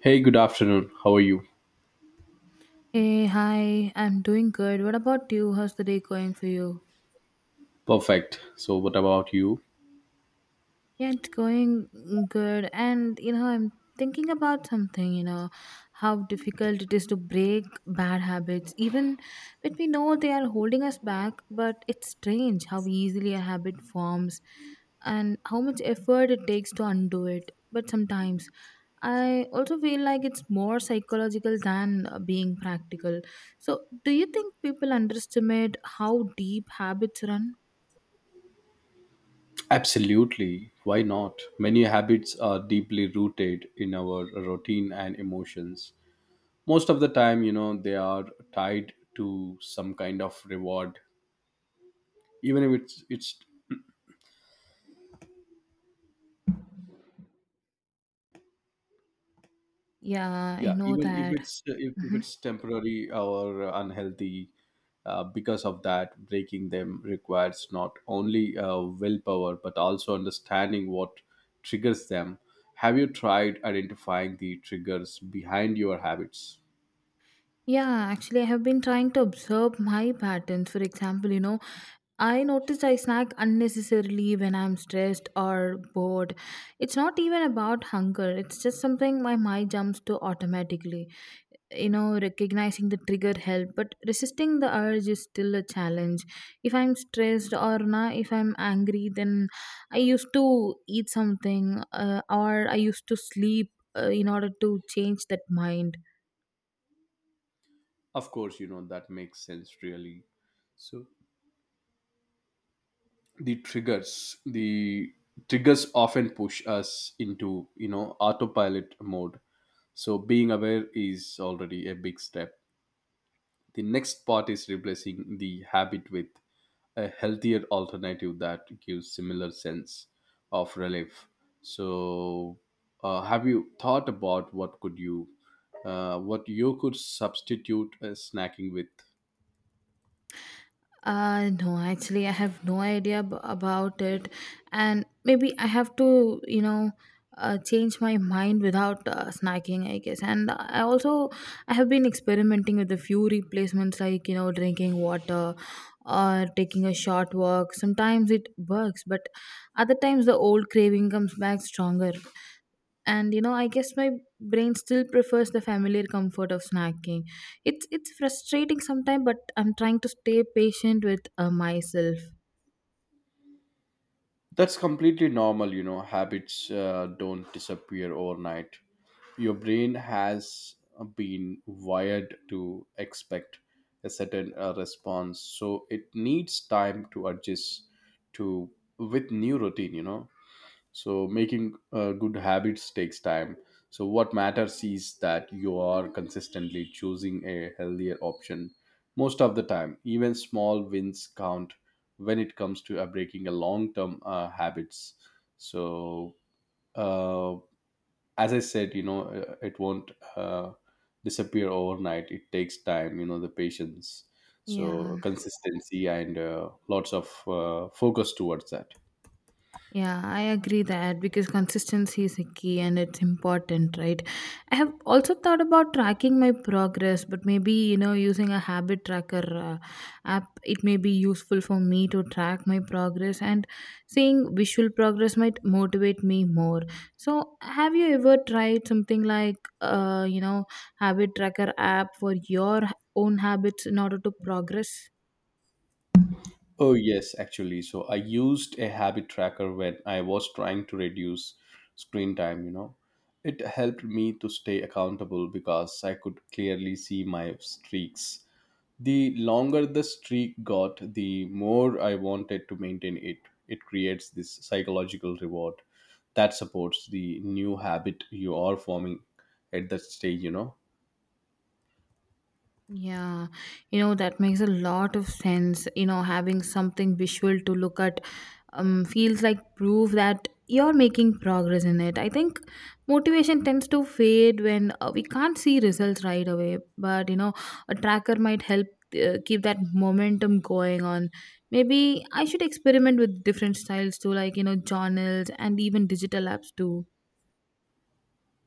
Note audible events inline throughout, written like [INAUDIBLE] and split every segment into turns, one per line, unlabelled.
Hey, good afternoon. How are you?
Hey, hi, I'm doing good. What about you? How's the day going for you?
Perfect. So, what about you?
Yeah, it's going good. And, you know, I'm thinking about something, you know, how difficult it is to break bad habits, even when we know they are holding us back. But it's strange how easily a habit forms and how much effort it takes to undo it. But sometimes I also feel like it's more psychological than being practical. So, do you think people underestimate how deep habits run?
Absolutely. Why not? Many habits are deeply rooted in our routine and emotions. Most of the time, you know, they are tied to some kind of reward, even if it's
Yeah, I
yeah
know
even
that.
if
Mhm.
it's temporary or unhealthy. Because of that, breaking them requires not only willpower but also understanding what triggers them. Have you tried identifying the triggers behind your habits?
Yeah, actually, I have been trying to observe my patterns. For example, you know, I notice I snack unnecessarily when I'm stressed or bored. It's not even about hunger, it's just something my mind jumps to automatically. You know, recognizing the trigger help, but resisting the urge is still a challenge. If I'm stressed or if I'm angry, then I used to eat something or I used to sleep in order to change that mind.
Of course, you know, that makes sense, really. So the triggers, the triggers often push us into, you know, autopilot mode. So being aware is already a big step. The next part is replacing the habit with a healthier alternative that gives similar sense of relief. So have you thought about what could you, what you could substitute snacking with?
No, actually, I have no idea about it, and maybe I have to, you know, change my mind without snacking, I guess. And I have been experimenting with a few replacements, like, you know, drinking water or taking a short walk. Sometimes it works, but other times the old craving comes back stronger, and, you know, I guess my brain still prefers the familiar comfort of snacking. It's frustrating sometimes, but I'm trying to stay patient with myself.
That's completely normal, you know. Habits don't disappear overnight. Your brain has been wired to expect a certain response, so it needs time to adjust to with new routine, you know. So making good habits takes time. So what matters is that you are consistently choosing a healthier option most of the time. Even small wins count when it comes to breaking a long term habits. So uh, as I said, you know, it won't uh, disappear overnight. It takes time, you know, the patience.
Yeah,
So consistency and lots of focus towards that.
yeah, I agree that because consistency is a key and it's important, right? I have also thought about tracking my progress, but maybe, you know, using a habit tracker app, it may be useful for me to track my progress and seeing visual progress might motivate me more. So, have you ever tried something like, you know, habit tracker app for your own habits in order to progress?
Oh, yes, actually. So I used a habit tracker when I was trying to reduce screen time, you know. It helped me to stay accountable because I could clearly see my streaks. The longer the streak got, the more I wanted to maintain it. It creates this psychological reward that supports the new habit you are forming at that stage, you know.
Yeah, you know, that makes a lot of sense. You know, having something visual to look at feels like proof that you're making progress in it. I think motivation tends to fade when we can't see results right away, but, you know, a tracker might help keep that momentum going on. Maybe I should experiment with different styles too, like, you know, journals and even digital apps too.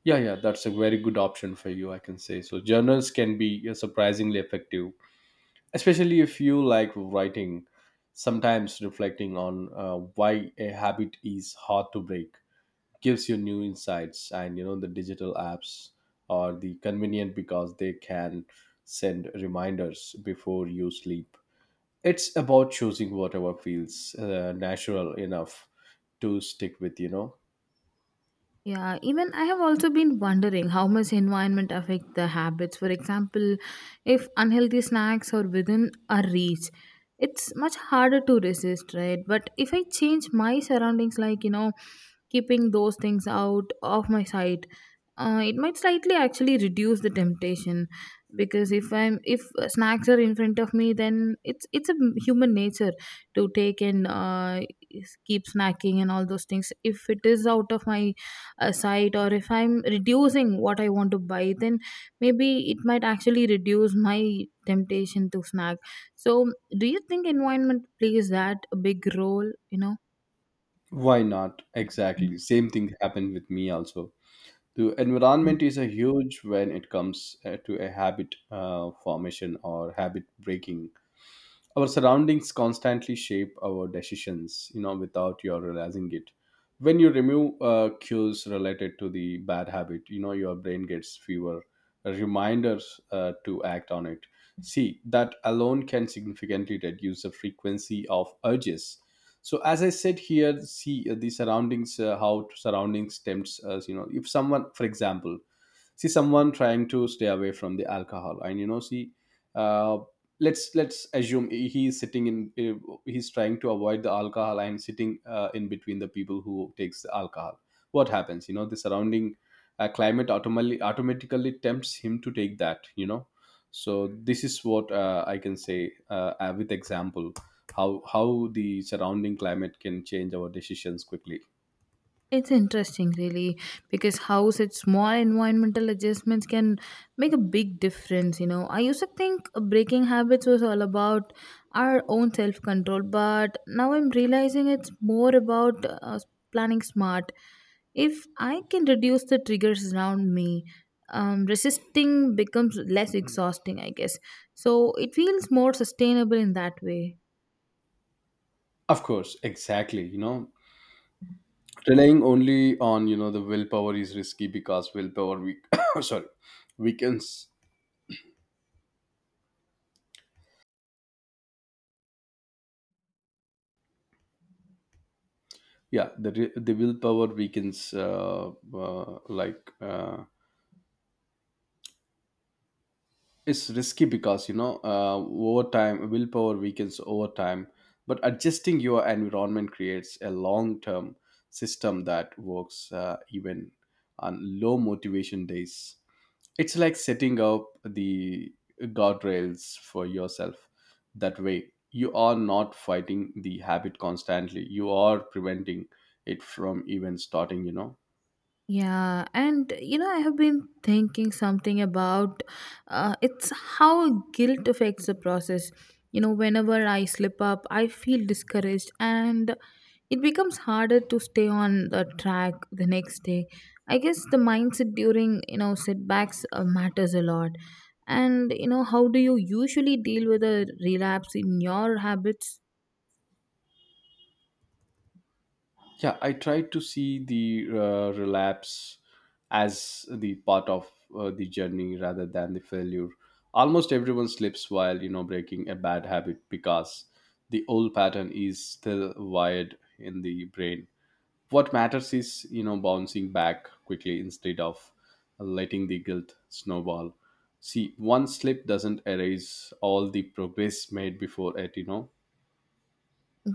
Yeah, yeah, that's a very good option for you, I can say. So journals can be surprisingly effective, especially if you like writing. Sometimes reflecting on why a habit is hard to break gives you new insights. And you know, the digital apps are the convenient because they can send reminders before you sleep. It's about choosing whatever feels natural enough to stick with, you know.
Yeah, even I have also been wondering how much environment affect the habits. For example, if unhealthy snacks are within our reach, it's much harder to resist, right? But if I change my surroundings, like, you know, keeping those things out of my sight, it might slightly actually reduce the temptation. Because if snacks are in front of me, then it's a human nature to take and keep snacking and all those things. If it is out of my aside, or if I'm reducing what I want to buy, then maybe it might actually reduce my temptation to snack. So, do you think environment plays that a big role, you know?
Why not? Exactly. Same thing happened with me also. The environment is a huge when it comes to a habit formation or habit breaking. Our surroundings constantly shape our decisions, you know, without your realizing it. When you remove cues related to the bad habit, you know, your brain gets fewer reminders to act on it. See, that alone can significantly reduce the frequency of urges. So as I said here, see the surroundings, how surroundings tempts us, you know. If someone, for example, see someone trying to stay away from the alcohol, and you know, see, uh, let's assume he is sitting in, he's trying to avoid the alcohol and sitting in between the people who takes the alcohol. What happens, you know? The surrounding climate automatically tempts him to take that, you know. So this is what I can say, with example, how the surrounding climate can change our decisions quickly.
It's interesting, really, because how such small environmental adjustments can make a big difference. You know, I used to think breaking habits was all about our own self control, but now I'm realizing it's more about planning smart. If I can reduce the triggers around me, resisting becomes less exhausting, I guess. So it feels more sustainable in that way.
Of course, exactly, you know. Relying only on, you know, the willpower is risky because willpower weak [COUGHS] sorry, weakens. Yeah, the willpower weakens, like it's risky because, you know, over time willpower weakens over time. But adjusting your environment creates a long term system that works even on low motivation days. It's like setting up the guardrails for yourself. That way you are not fighting the habit constantly, you are preventing it from even starting, you know.
Yeah, and, you know, I have been thinking something about it's how guilt affects the process. You know, whenever I slip up, I feel discouraged, and it becomes harder to stay on the track the next day. I guess the mindset during, you know, setbacks matters a lot. And, you know, how do you usually deal with a relapse in your habits?
Yeah, I try to see the relapse as the part of the journey rather than the failure. Almost everyone slips while, you know, breaking a bad habit because the old pattern is still wired in the brain. What matters is, you know, bouncing back quickly instead of letting the guilt snowball. See, one slip doesn't erase all the progress made before it. You know,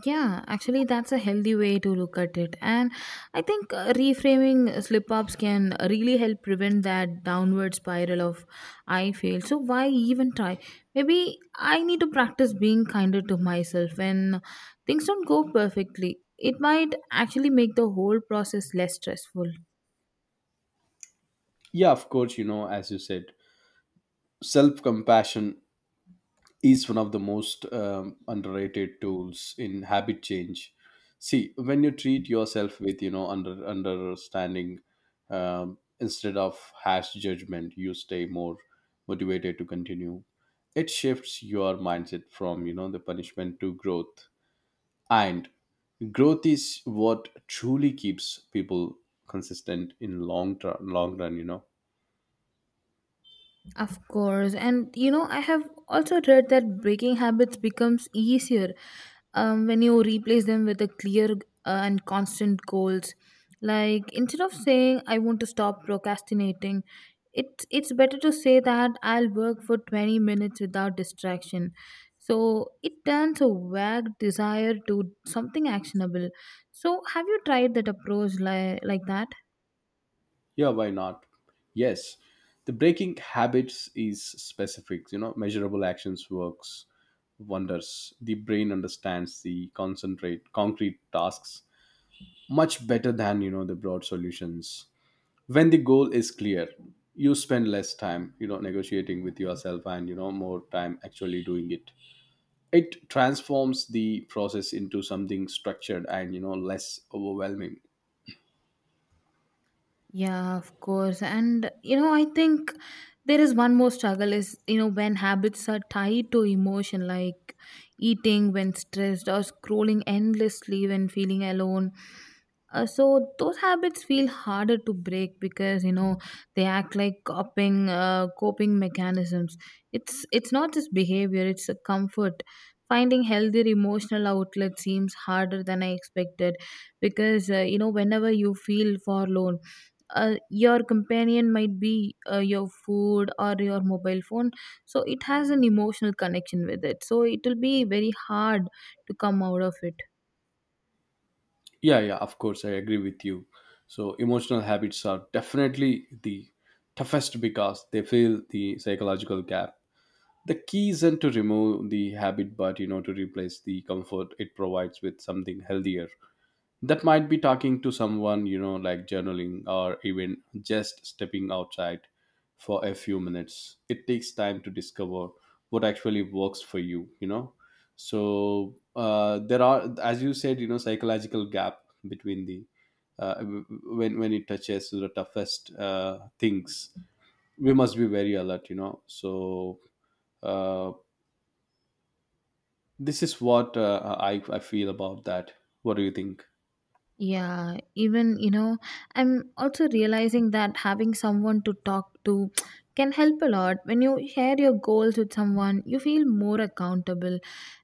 Yeah, actually, that's a healthy way to look at it. And I think reframing slip ups can really help prevent that downward spiral of I failed. So, why even try? Maybe I need to practice being kinder to myself when things don't go perfectly. It might actually make the whole process less stressful.
yeah, of course, you know, as you said, self compassion is one of the most underrated tools in habit change. See, when you treat yourself with, you know, understanding, instead of harsh judgment, you stay more motivated to continue. It shifts your mindset from, you know, the punishment to growth. And growth is what truly keeps people consistent in long term long run, you know.
Of course. And, you know, I have also read that breaking habits becomes easier when you replace them with a clear and constant goals. Like, instead of saying I want to stop procrastinating, it's better to say that I'll work for 20 minutes without distraction. So it turns a vague desire to something actionable. So, have you tried that approach, like that?
Yeah, why not? Yes. The breaking habits is specific, you know, measurable actions works wonders. The brain understands the concentrate concrete tasks much better than, you know, the broad solutions. When the goal is clear, you spend less time, you know, negotiating with yourself and, you know, more time actually doing it. It transforms the process into something structured and, you know, less overwhelming.
Yeah, of course. And, you know, I think there is one more struggle is, you know, when habits are tied to emotion, like eating when stressed or scrolling endlessly when feeling alone. So those habits feel harder to break, because, you know, they act like coping mechanisms. It's not just behavior; it's a comfort. Finding healthy emotional outlet seems harder than I expected because, you know, whenever you feel forlorn. Your companion might be your food or your mobile phone, so it has an emotional connection with it, so it will be very hard to come out of it.
Yeah, yeah, of course, I agree with you. So, emotional habits are definitely the toughest because they fill the psychological gap. The key isn't to remove the habit, but you know, to replace the comfort it provides with something healthier. That might be talking to someone, you know, like journaling or even just stepping outside for a few minutes. It takes time to discover what actually works for you, you know. So there are, as you said, you know, psychological gap between the when it touches to the toughest things, we must be very alert, you know. So uh, this is what I feel about that. What do you think?
Yeah, even, you know, I'm also realizing that having someone to talk to can help a lot. When you share your goals with someone, you feel more accountable,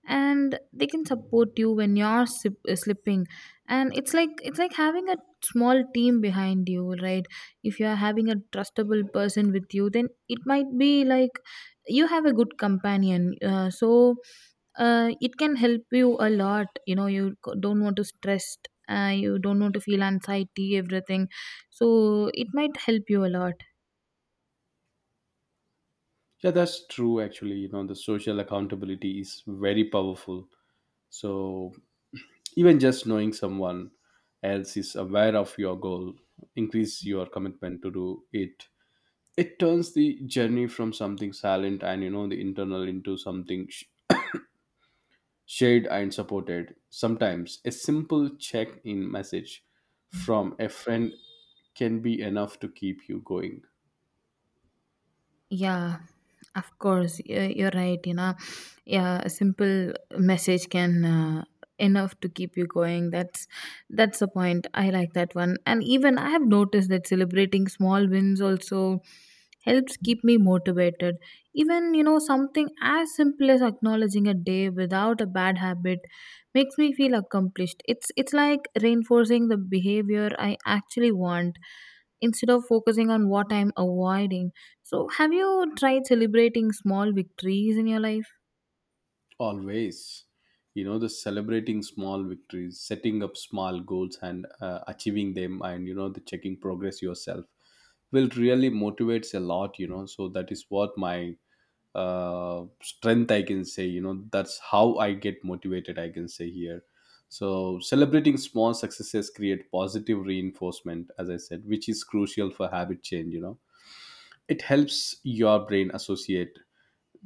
and they can support you when you're slipping. And it's like having a small team behind you, right? If you are having a trustable person with you, then it might be like you have a good companion. So it can help you a lot, you know, you don't want to stress, you don't want to feel anxiety, everything, so it might help you a lot.
Yeah, that's true. Actually, you know, the social accountability is very powerful. So even just knowing someone else is aware of your goal increase your commitment to do it. It turns the journey from something silent and, you know, the internal into something shared and supported. Sometimes a simple check-in message from a friend can be enough to keep you going.
Yeah, of course, you're right. You know, yeah, a simple message can enough to keep you going. That's the point. I like that one. And even I have noticed that celebrating small wins also helps keep me motivated. Even, you know, something as simple as acknowledging a day without a bad habit makes me feel accomplished. It's like reinforcing the behavior I actually want instead of focusing on what I'm avoiding. So, have you tried celebrating small victories in your life?
Always, you know, the celebrating small victories, setting up small goals and achieving them, and you know, the checking progress yourself will really motivates a lot. You know, so that is what my strength, I can say. You know, that's how I get motivated, I can say here. So celebrating small successes create positive reinforcement, as I said, which is crucial for habit change. You know, it helps your brain associate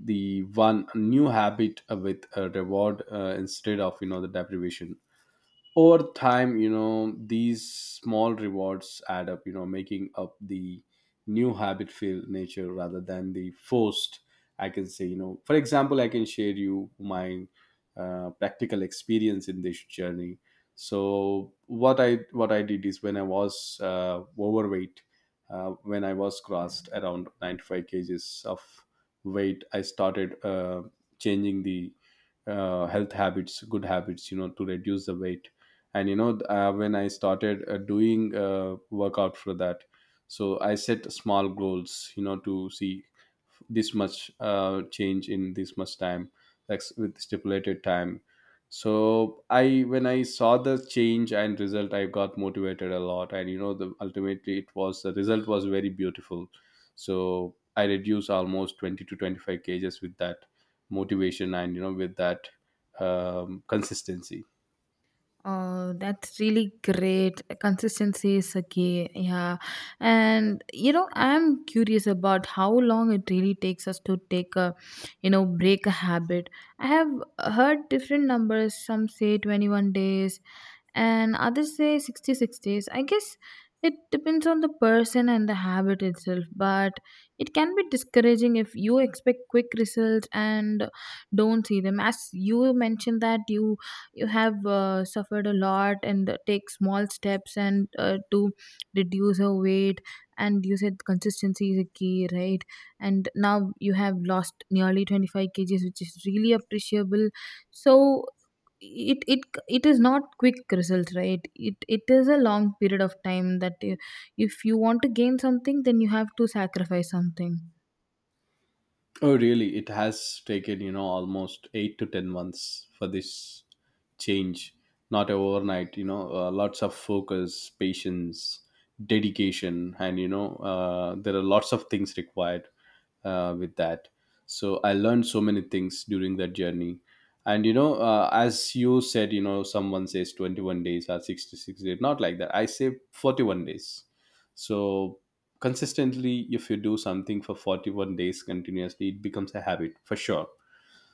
the one new habit with a reward instead of, you know, the deprivation. Over time, you know, these small rewards add up, you know, making up the new habit feel nature rather than the forced, I can say. You know, for example, I can share you my practical experience in this journey. So what I did is when I was overweight, when I was crossed around 95 kg kgs of weight, I started changing the health habits, good habits, you know, to reduce the weight. And you know, when I started doing workout for that, so I set small goals, you know, to see this much change in this much time, like with stipulated time. So I when I saw the change and result, I got motivated a lot. And you know, the ultimately it was, the result was very beautiful. So I reduced almost 20 to 25 kg kgs with that motivation and you know, with that consistency.
Oh, that's really great. Consistency is a key. Yeah. And, you know, I'm curious about how long it really takes us to, you know, break a habit. I have heard different numbers. Some say 21 days, and others say 60, 60s, I guess, it depends on the person and the habit itself, but it can be discouraging if you expect quick results and don't see them. As you mentioned that you have suffered a lot and take small steps and to reduce your weight, and you said consistency is a key, right? And now you have lost nearly 25 kgs, which is really appreciable. So it it it is not quick results, right? It is a long period of time that, if you want to gain something, then you have to sacrifice something.
Oh really, it has taken, you know, almost 8 to 10 months for this change. Not overnight, you know. Lots of focus, patience, dedication, and you know, there are lots of things required with that. So I learned so many things during that journey. And you know, as you said, you know, someone says 21 days or 66 days, not like that. I say 41 days. So consistently, if you do something for 41 days continuously, it becomes a habit for sure.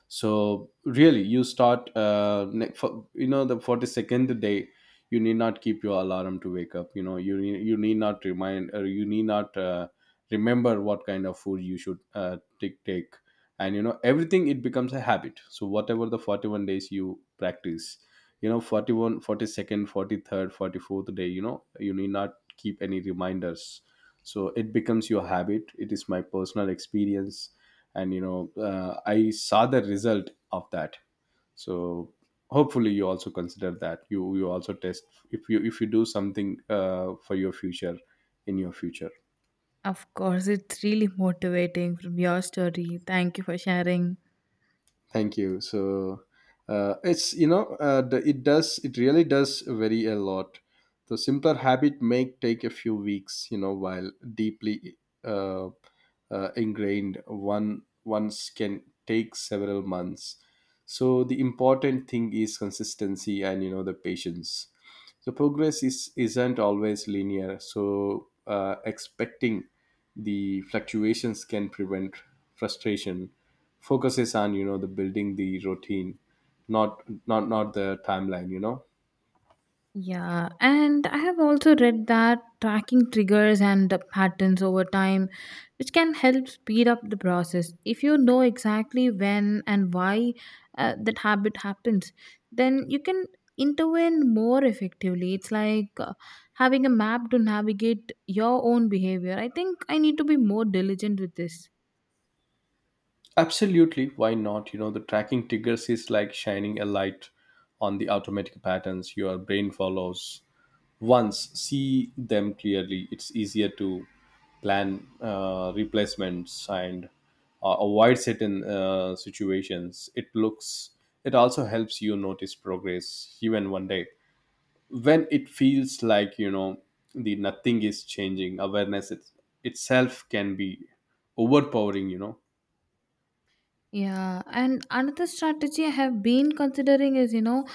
So really you start for, you know, the 42nd day you need not keep your alarm to wake up, you know, you need not remind or you need not remember what kind of food you should take. And you know, everything, it becomes a habit. So whatever the 41 days you practice, you know, 41, 43rd, 44th day, you know, you need not keep any reminders. So it becomes your habit. It is my personal experience. And I saw the result of that. So hopefully you also consider that you also test, if you do something for your future, in your future.
Of course, it's really motivating from your story. Thank you for sharing.
Thank you. So it's, the, it does, it really does vary a lot. The simpler habit may take a few weeks, you know, while deeply uh, ingrained one once can take several months. So the important thing is consistency and, you know, the patience. So progress is isn't always linear, so expecting the fluctuations can prevent frustration. Focuses on, you know, the building the routine, not not the timeline, you know.
Yeah, and I have also read that tracking triggers and the patterns over time, which can help speed up the process. If you know exactly when and why that habit happens, then you can intervene more effectively. It's like having a map to navigate your own behavior. I think I need to be more diligent with this.
Absolutely, why not, you know. The tracking triggers is like shining a light on the automatic patterns your brain follows. Once see them clearly, it's easier to plan replacements and avoid certain situations. It looks, it also helps you notice progress even one day when it feels like, you know, the nothing is changing. Awareness it, itself can be overpowering, you know.
Yeah, and another strategy I have been considering is, you know,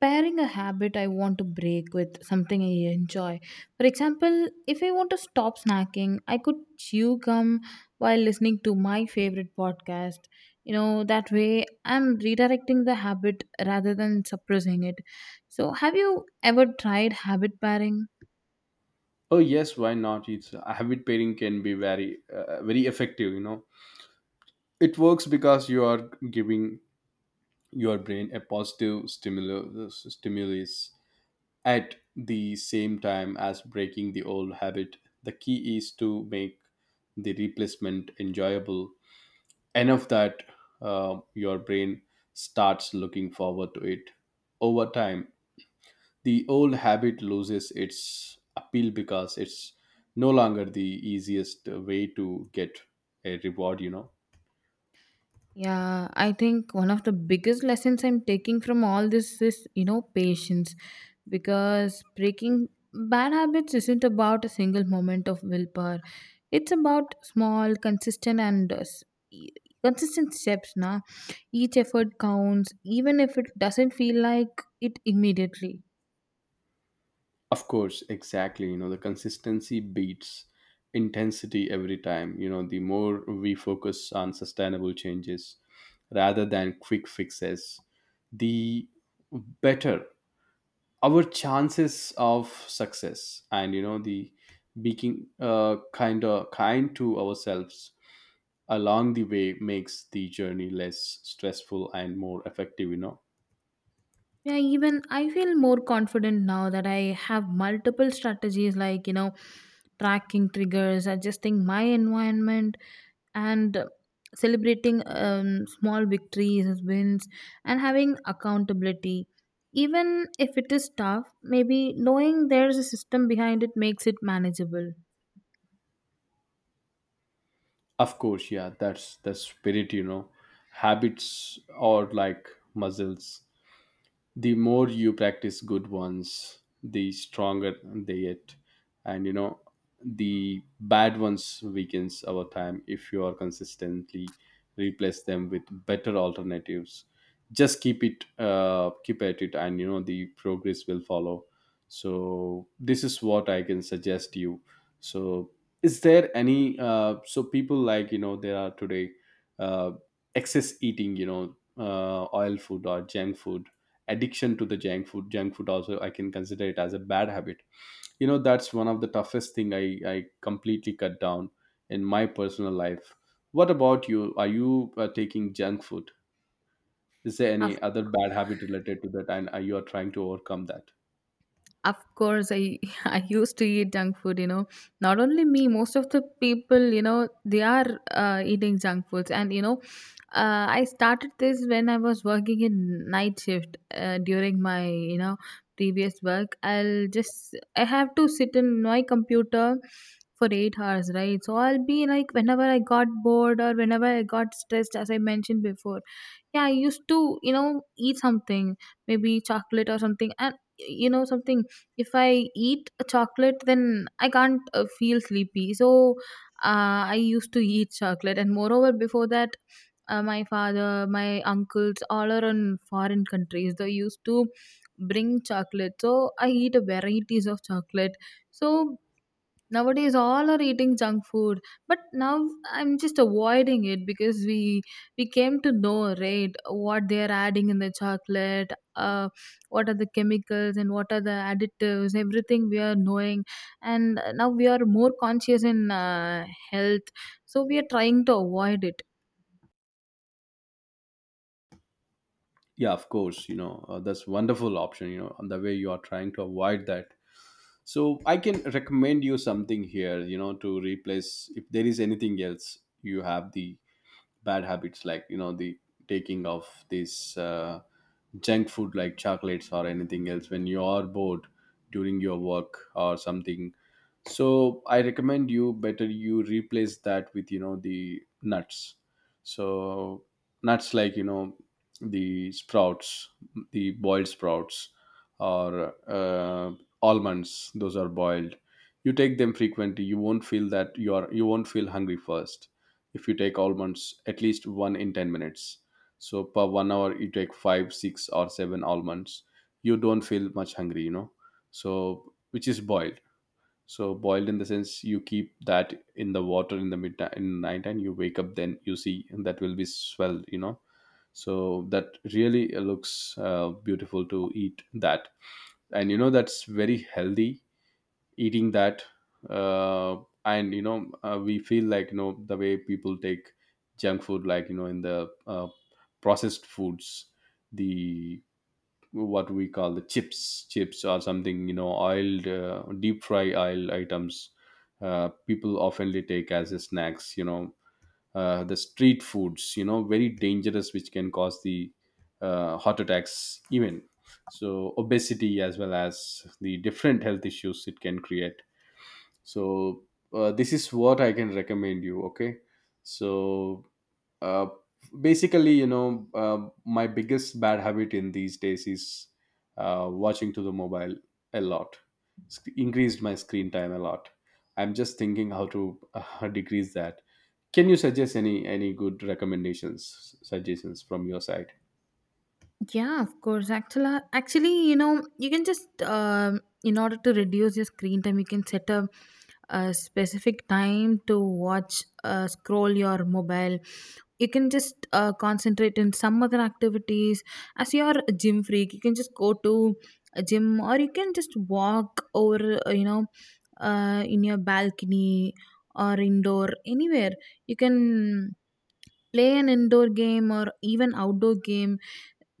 pairing a habit I want to break with something I enjoy. For example, if I want to stop snacking, I could chew gum while listening to my favorite podcast. You know, that way I'm redirecting the habit rather than suppressing it. So, have you ever tried habit pairing?
Oh yes, why not. It's habit pairing can be very very effective, you know. It works because you are giving your brain a positive stimulus at the same time as breaking the old habit. The key is to make the replacement enjoyable enough that your brain starts looking forward to it. Over time, the old habit loses its appeal because it's no longer the easiest way to get a reward, you know.
Yeah, I think one of the biggest lessons I'm taking from all this is, you know, patience. Because breaking bad habits isn't about a single moment of willpower, it's about small, consistent, and e- consistent steps now. Each effort counts, even if it doesn't feel like it immediately.
Of course, exactly. You know, the consistency beats intensity every time. You know, the more we focus on sustainable changes rather than quick fixes, the better our chances of success. And you know, the being kind to ourselves along the way makes the journey less stressful and more effective, you know.
Yeah, even I feel more confident now that I have multiple strategies, like, you know, tracking triggers, adjusting my environment, and celebrating small victories, wins, and having accountability. Even if it is tough, maybe knowing there's a system behind it makes it manageable.
Of course, yeah, that's the spirit, you know. Habits or like muscles, the more you practice good ones the stronger they get. And you know, the bad ones weakens over time if you are consistently replace them with better alternatives. Just keep at it, and you know, the progress will follow. So this is what I can suggest you. So is there any so people, like, you know, there are today uh, excess eating, you know, oil food or junk food, addiction to the junk food. Junk food also I can consider it as a bad habit, you know. That's one of the toughest thing. I completely cut down in my personal life. What about you, are you taking junk food? Is there any other bad habit related to that, and are you, are trying to overcome that?
Of course, I [LAUGHS] I used to eat junk food. You know, not only me, most of the people, you know, they are eating junk foods, and, you know, I started this when I was working in night shift during my, you know, previous work. I have to sit in my computer for 8 hours, right? So I'll be like whenever I got bored or whenever I got stressed, as I mentioned before. Yeah, I used to, you know, eat something, maybe chocolate or something, and, you know, something, if I eat a chocolate, then I can't feel sleepy. So I used to eat chocolate, and moreover, before that, my father, my uncles, all are in foreign countries. They used to bring chocolate, so I eat a varieties of chocolate. So, nowadays, all are eating junk food, but now I'm just avoiding it because we came to know, right, what they are adding in the chocolate, what are the chemicals and what are the additives, everything we are knowing, and now we are more conscious in health, so we are trying to avoid it.
Yeah, of course, you know. That's wonderful option, you know, the way you are trying to avoid that. So I can recommend you something here, you know, to replace, if there is anything else you have, the bad habits like, you know, the taking of these junk food like chocolates or anything else when you are bored during your work or something. So I recommend you, better you replace that with, you know, the nuts. So nuts like, you know, the sprouts, the boiled sprouts, or almonds those are boiled. You take them frequently, you won't feel that you are, you won't feel hungry first. If you take almonds at least one in 10 minutes, so per 1 hour you take five six or seven almonds, you don't feel much hungry, you know. So which is boiled. So boiled in the sense, you keep that in the water in the midnight, in night, and you wake up then you see and that will be swelled, you know. So that really looks beautiful to eat that. And you know, that's very healthy, eating that. uh, and we feel like, you know, the way people take junk food, like, you know, in the processed foods, the what we call the chips or something, you know, oiled deep fry oil items. People oftenly take as a snacks, you know. The street foods, you know, very dangerous, which can cause the heart attacks even. So obesity, as well as the different health issues it can create. So this is what I can recommend you. Okay. So uh, basically, my biggest bad habit in these days is watching to the mobile a lot. Increased my screen time a lot. I'm just thinking how to [LAUGHS] decrease that. Can you suggest any good recommendations suggestions from your side?
Yeah, of course. Actually, you know, you can just, in order to reduce your screen time, you can set a specific time to watch, scroll your mobile. You can just concentrate in some other activities. As you're a gym freak, you can just go to a gym, or you can just walk over, you know, in your balcony or indoor anywhere. You can play an indoor game or even outdoor game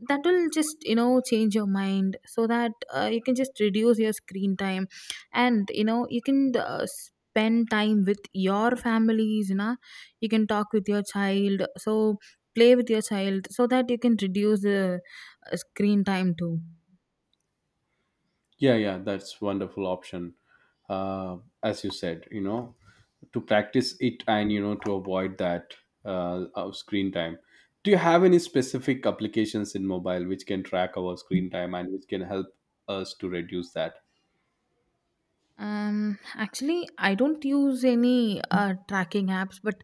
that will just, you know, change your mind so that you can just reduce your screen time, and, you know, you can spend time with your families, you know, you can talk with your child, so play with your child so that you can reduce the screen time too.
Yeah, yeah, that's wonderful option. uh, as you said, you know, to practice it, and you know, to avoid that of screen time. Do you have any specific applications in mobile which can track our screen time and which can help us to reduce that?
Actually, I don't use any tracking apps, but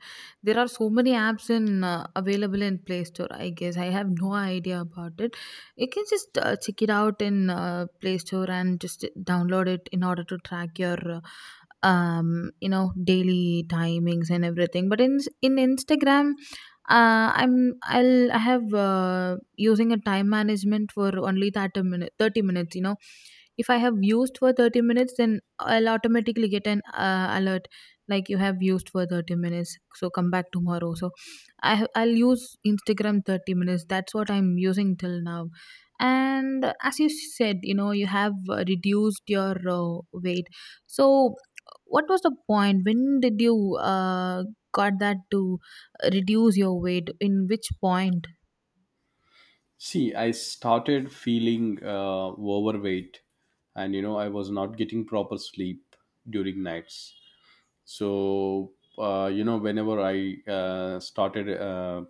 there are so many apps in available in Play Store. I guess I have no idea about it. You can just check it out in Play Store and just download it in order to track your, you know, daily timings and everything. But in Instagram, I have using a time management for only 30 minutes. 30 minutes, you know, if I have used for 30 minutes, then I'll automatically get an alert like you have used for 30 minutes, so come back tomorrow. So I'll use Instagram 30 minutes. That's what I'm using till now. And as you said, you know, you have reduced your weight. So what was the point, when did you got that to reduce your weight, in which point?
See, I started feeling overweight, and you know, I was not getting proper sleep during nights. So you know, whenever i uh, started uh,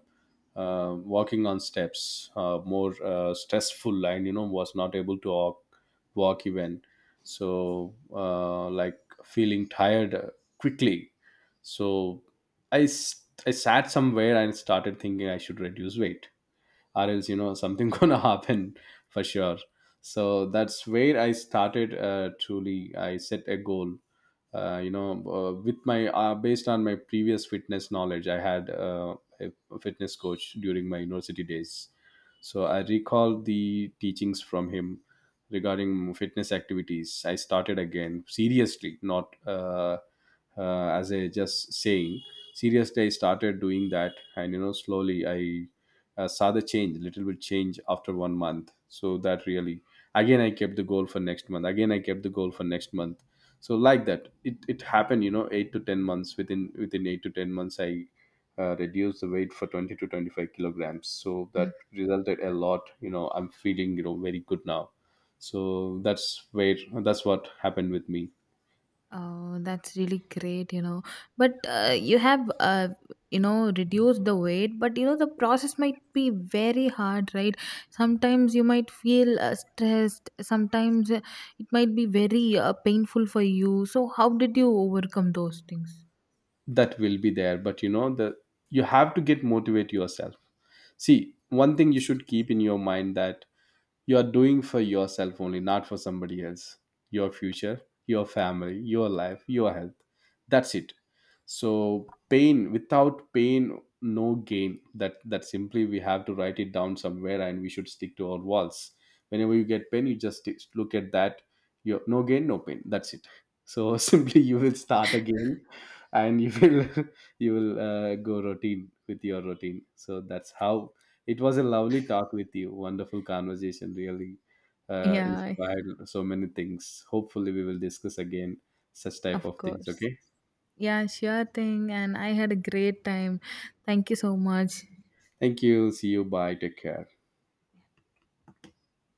uh, walking on steps, more stressful, and you know, was not able to walk even. So like feeling tired quickly. So I sat somewhere and started thinking I should reduce weight, or else, you know, something [LAUGHS] gonna happen for sure. So that's where I started truly. I set a goal, with my based on my previous fitness knowledge. I had a fitness coach during my university days. So I recalled the teachings from him regarding fitness activities. I started again seriously, not as a just saying. Seriously, I started doing that, and you know, slowly I saw the change, little bit change after one month. So that really, again I kept the goal for next month. Again I kept the goal for next month. So like that it happened, you know, 8 to 10 months, within 8 to 10 months I reduced the weight for 20 to 25 kilograms. So that resulted a lot, you know. I'm feeling, you know, very good now. So that's where, that's what happened with me.
Oh, that's really great, you know. But you have, you know, reduced the weight, but, you know, the process might be very hard, right? Sometimes you might feel stressed, sometimes it might be very painful for you. So, how did you overcome those things?
That will be there, but you know, the you have to get motivate yourself. See,
Of
one thing you
course.
should keep in your mind that you are doing for yourself only, not for somebody else. Your future, your family, your life, your health. That's it. So pain, without pain no gain. That, that simply we have to write it down somewhere, and we should stick to our walls. Whenever you get pain, you just look at that. You, no gain no pain, that's it. So [LAUGHS] simply you will start again, and you will [LAUGHS] you will go routine with your routine. So that's how. It was a lovely talk with you. Wonderful conversation. Really
Yeah,
inspired so many things. Hopefully, we will discuss again such type
of
of things.
course.
Okay.
Yeah, sure thing. And I had a great time. Thank you so much.
Thank you. See you. Bye. Take care.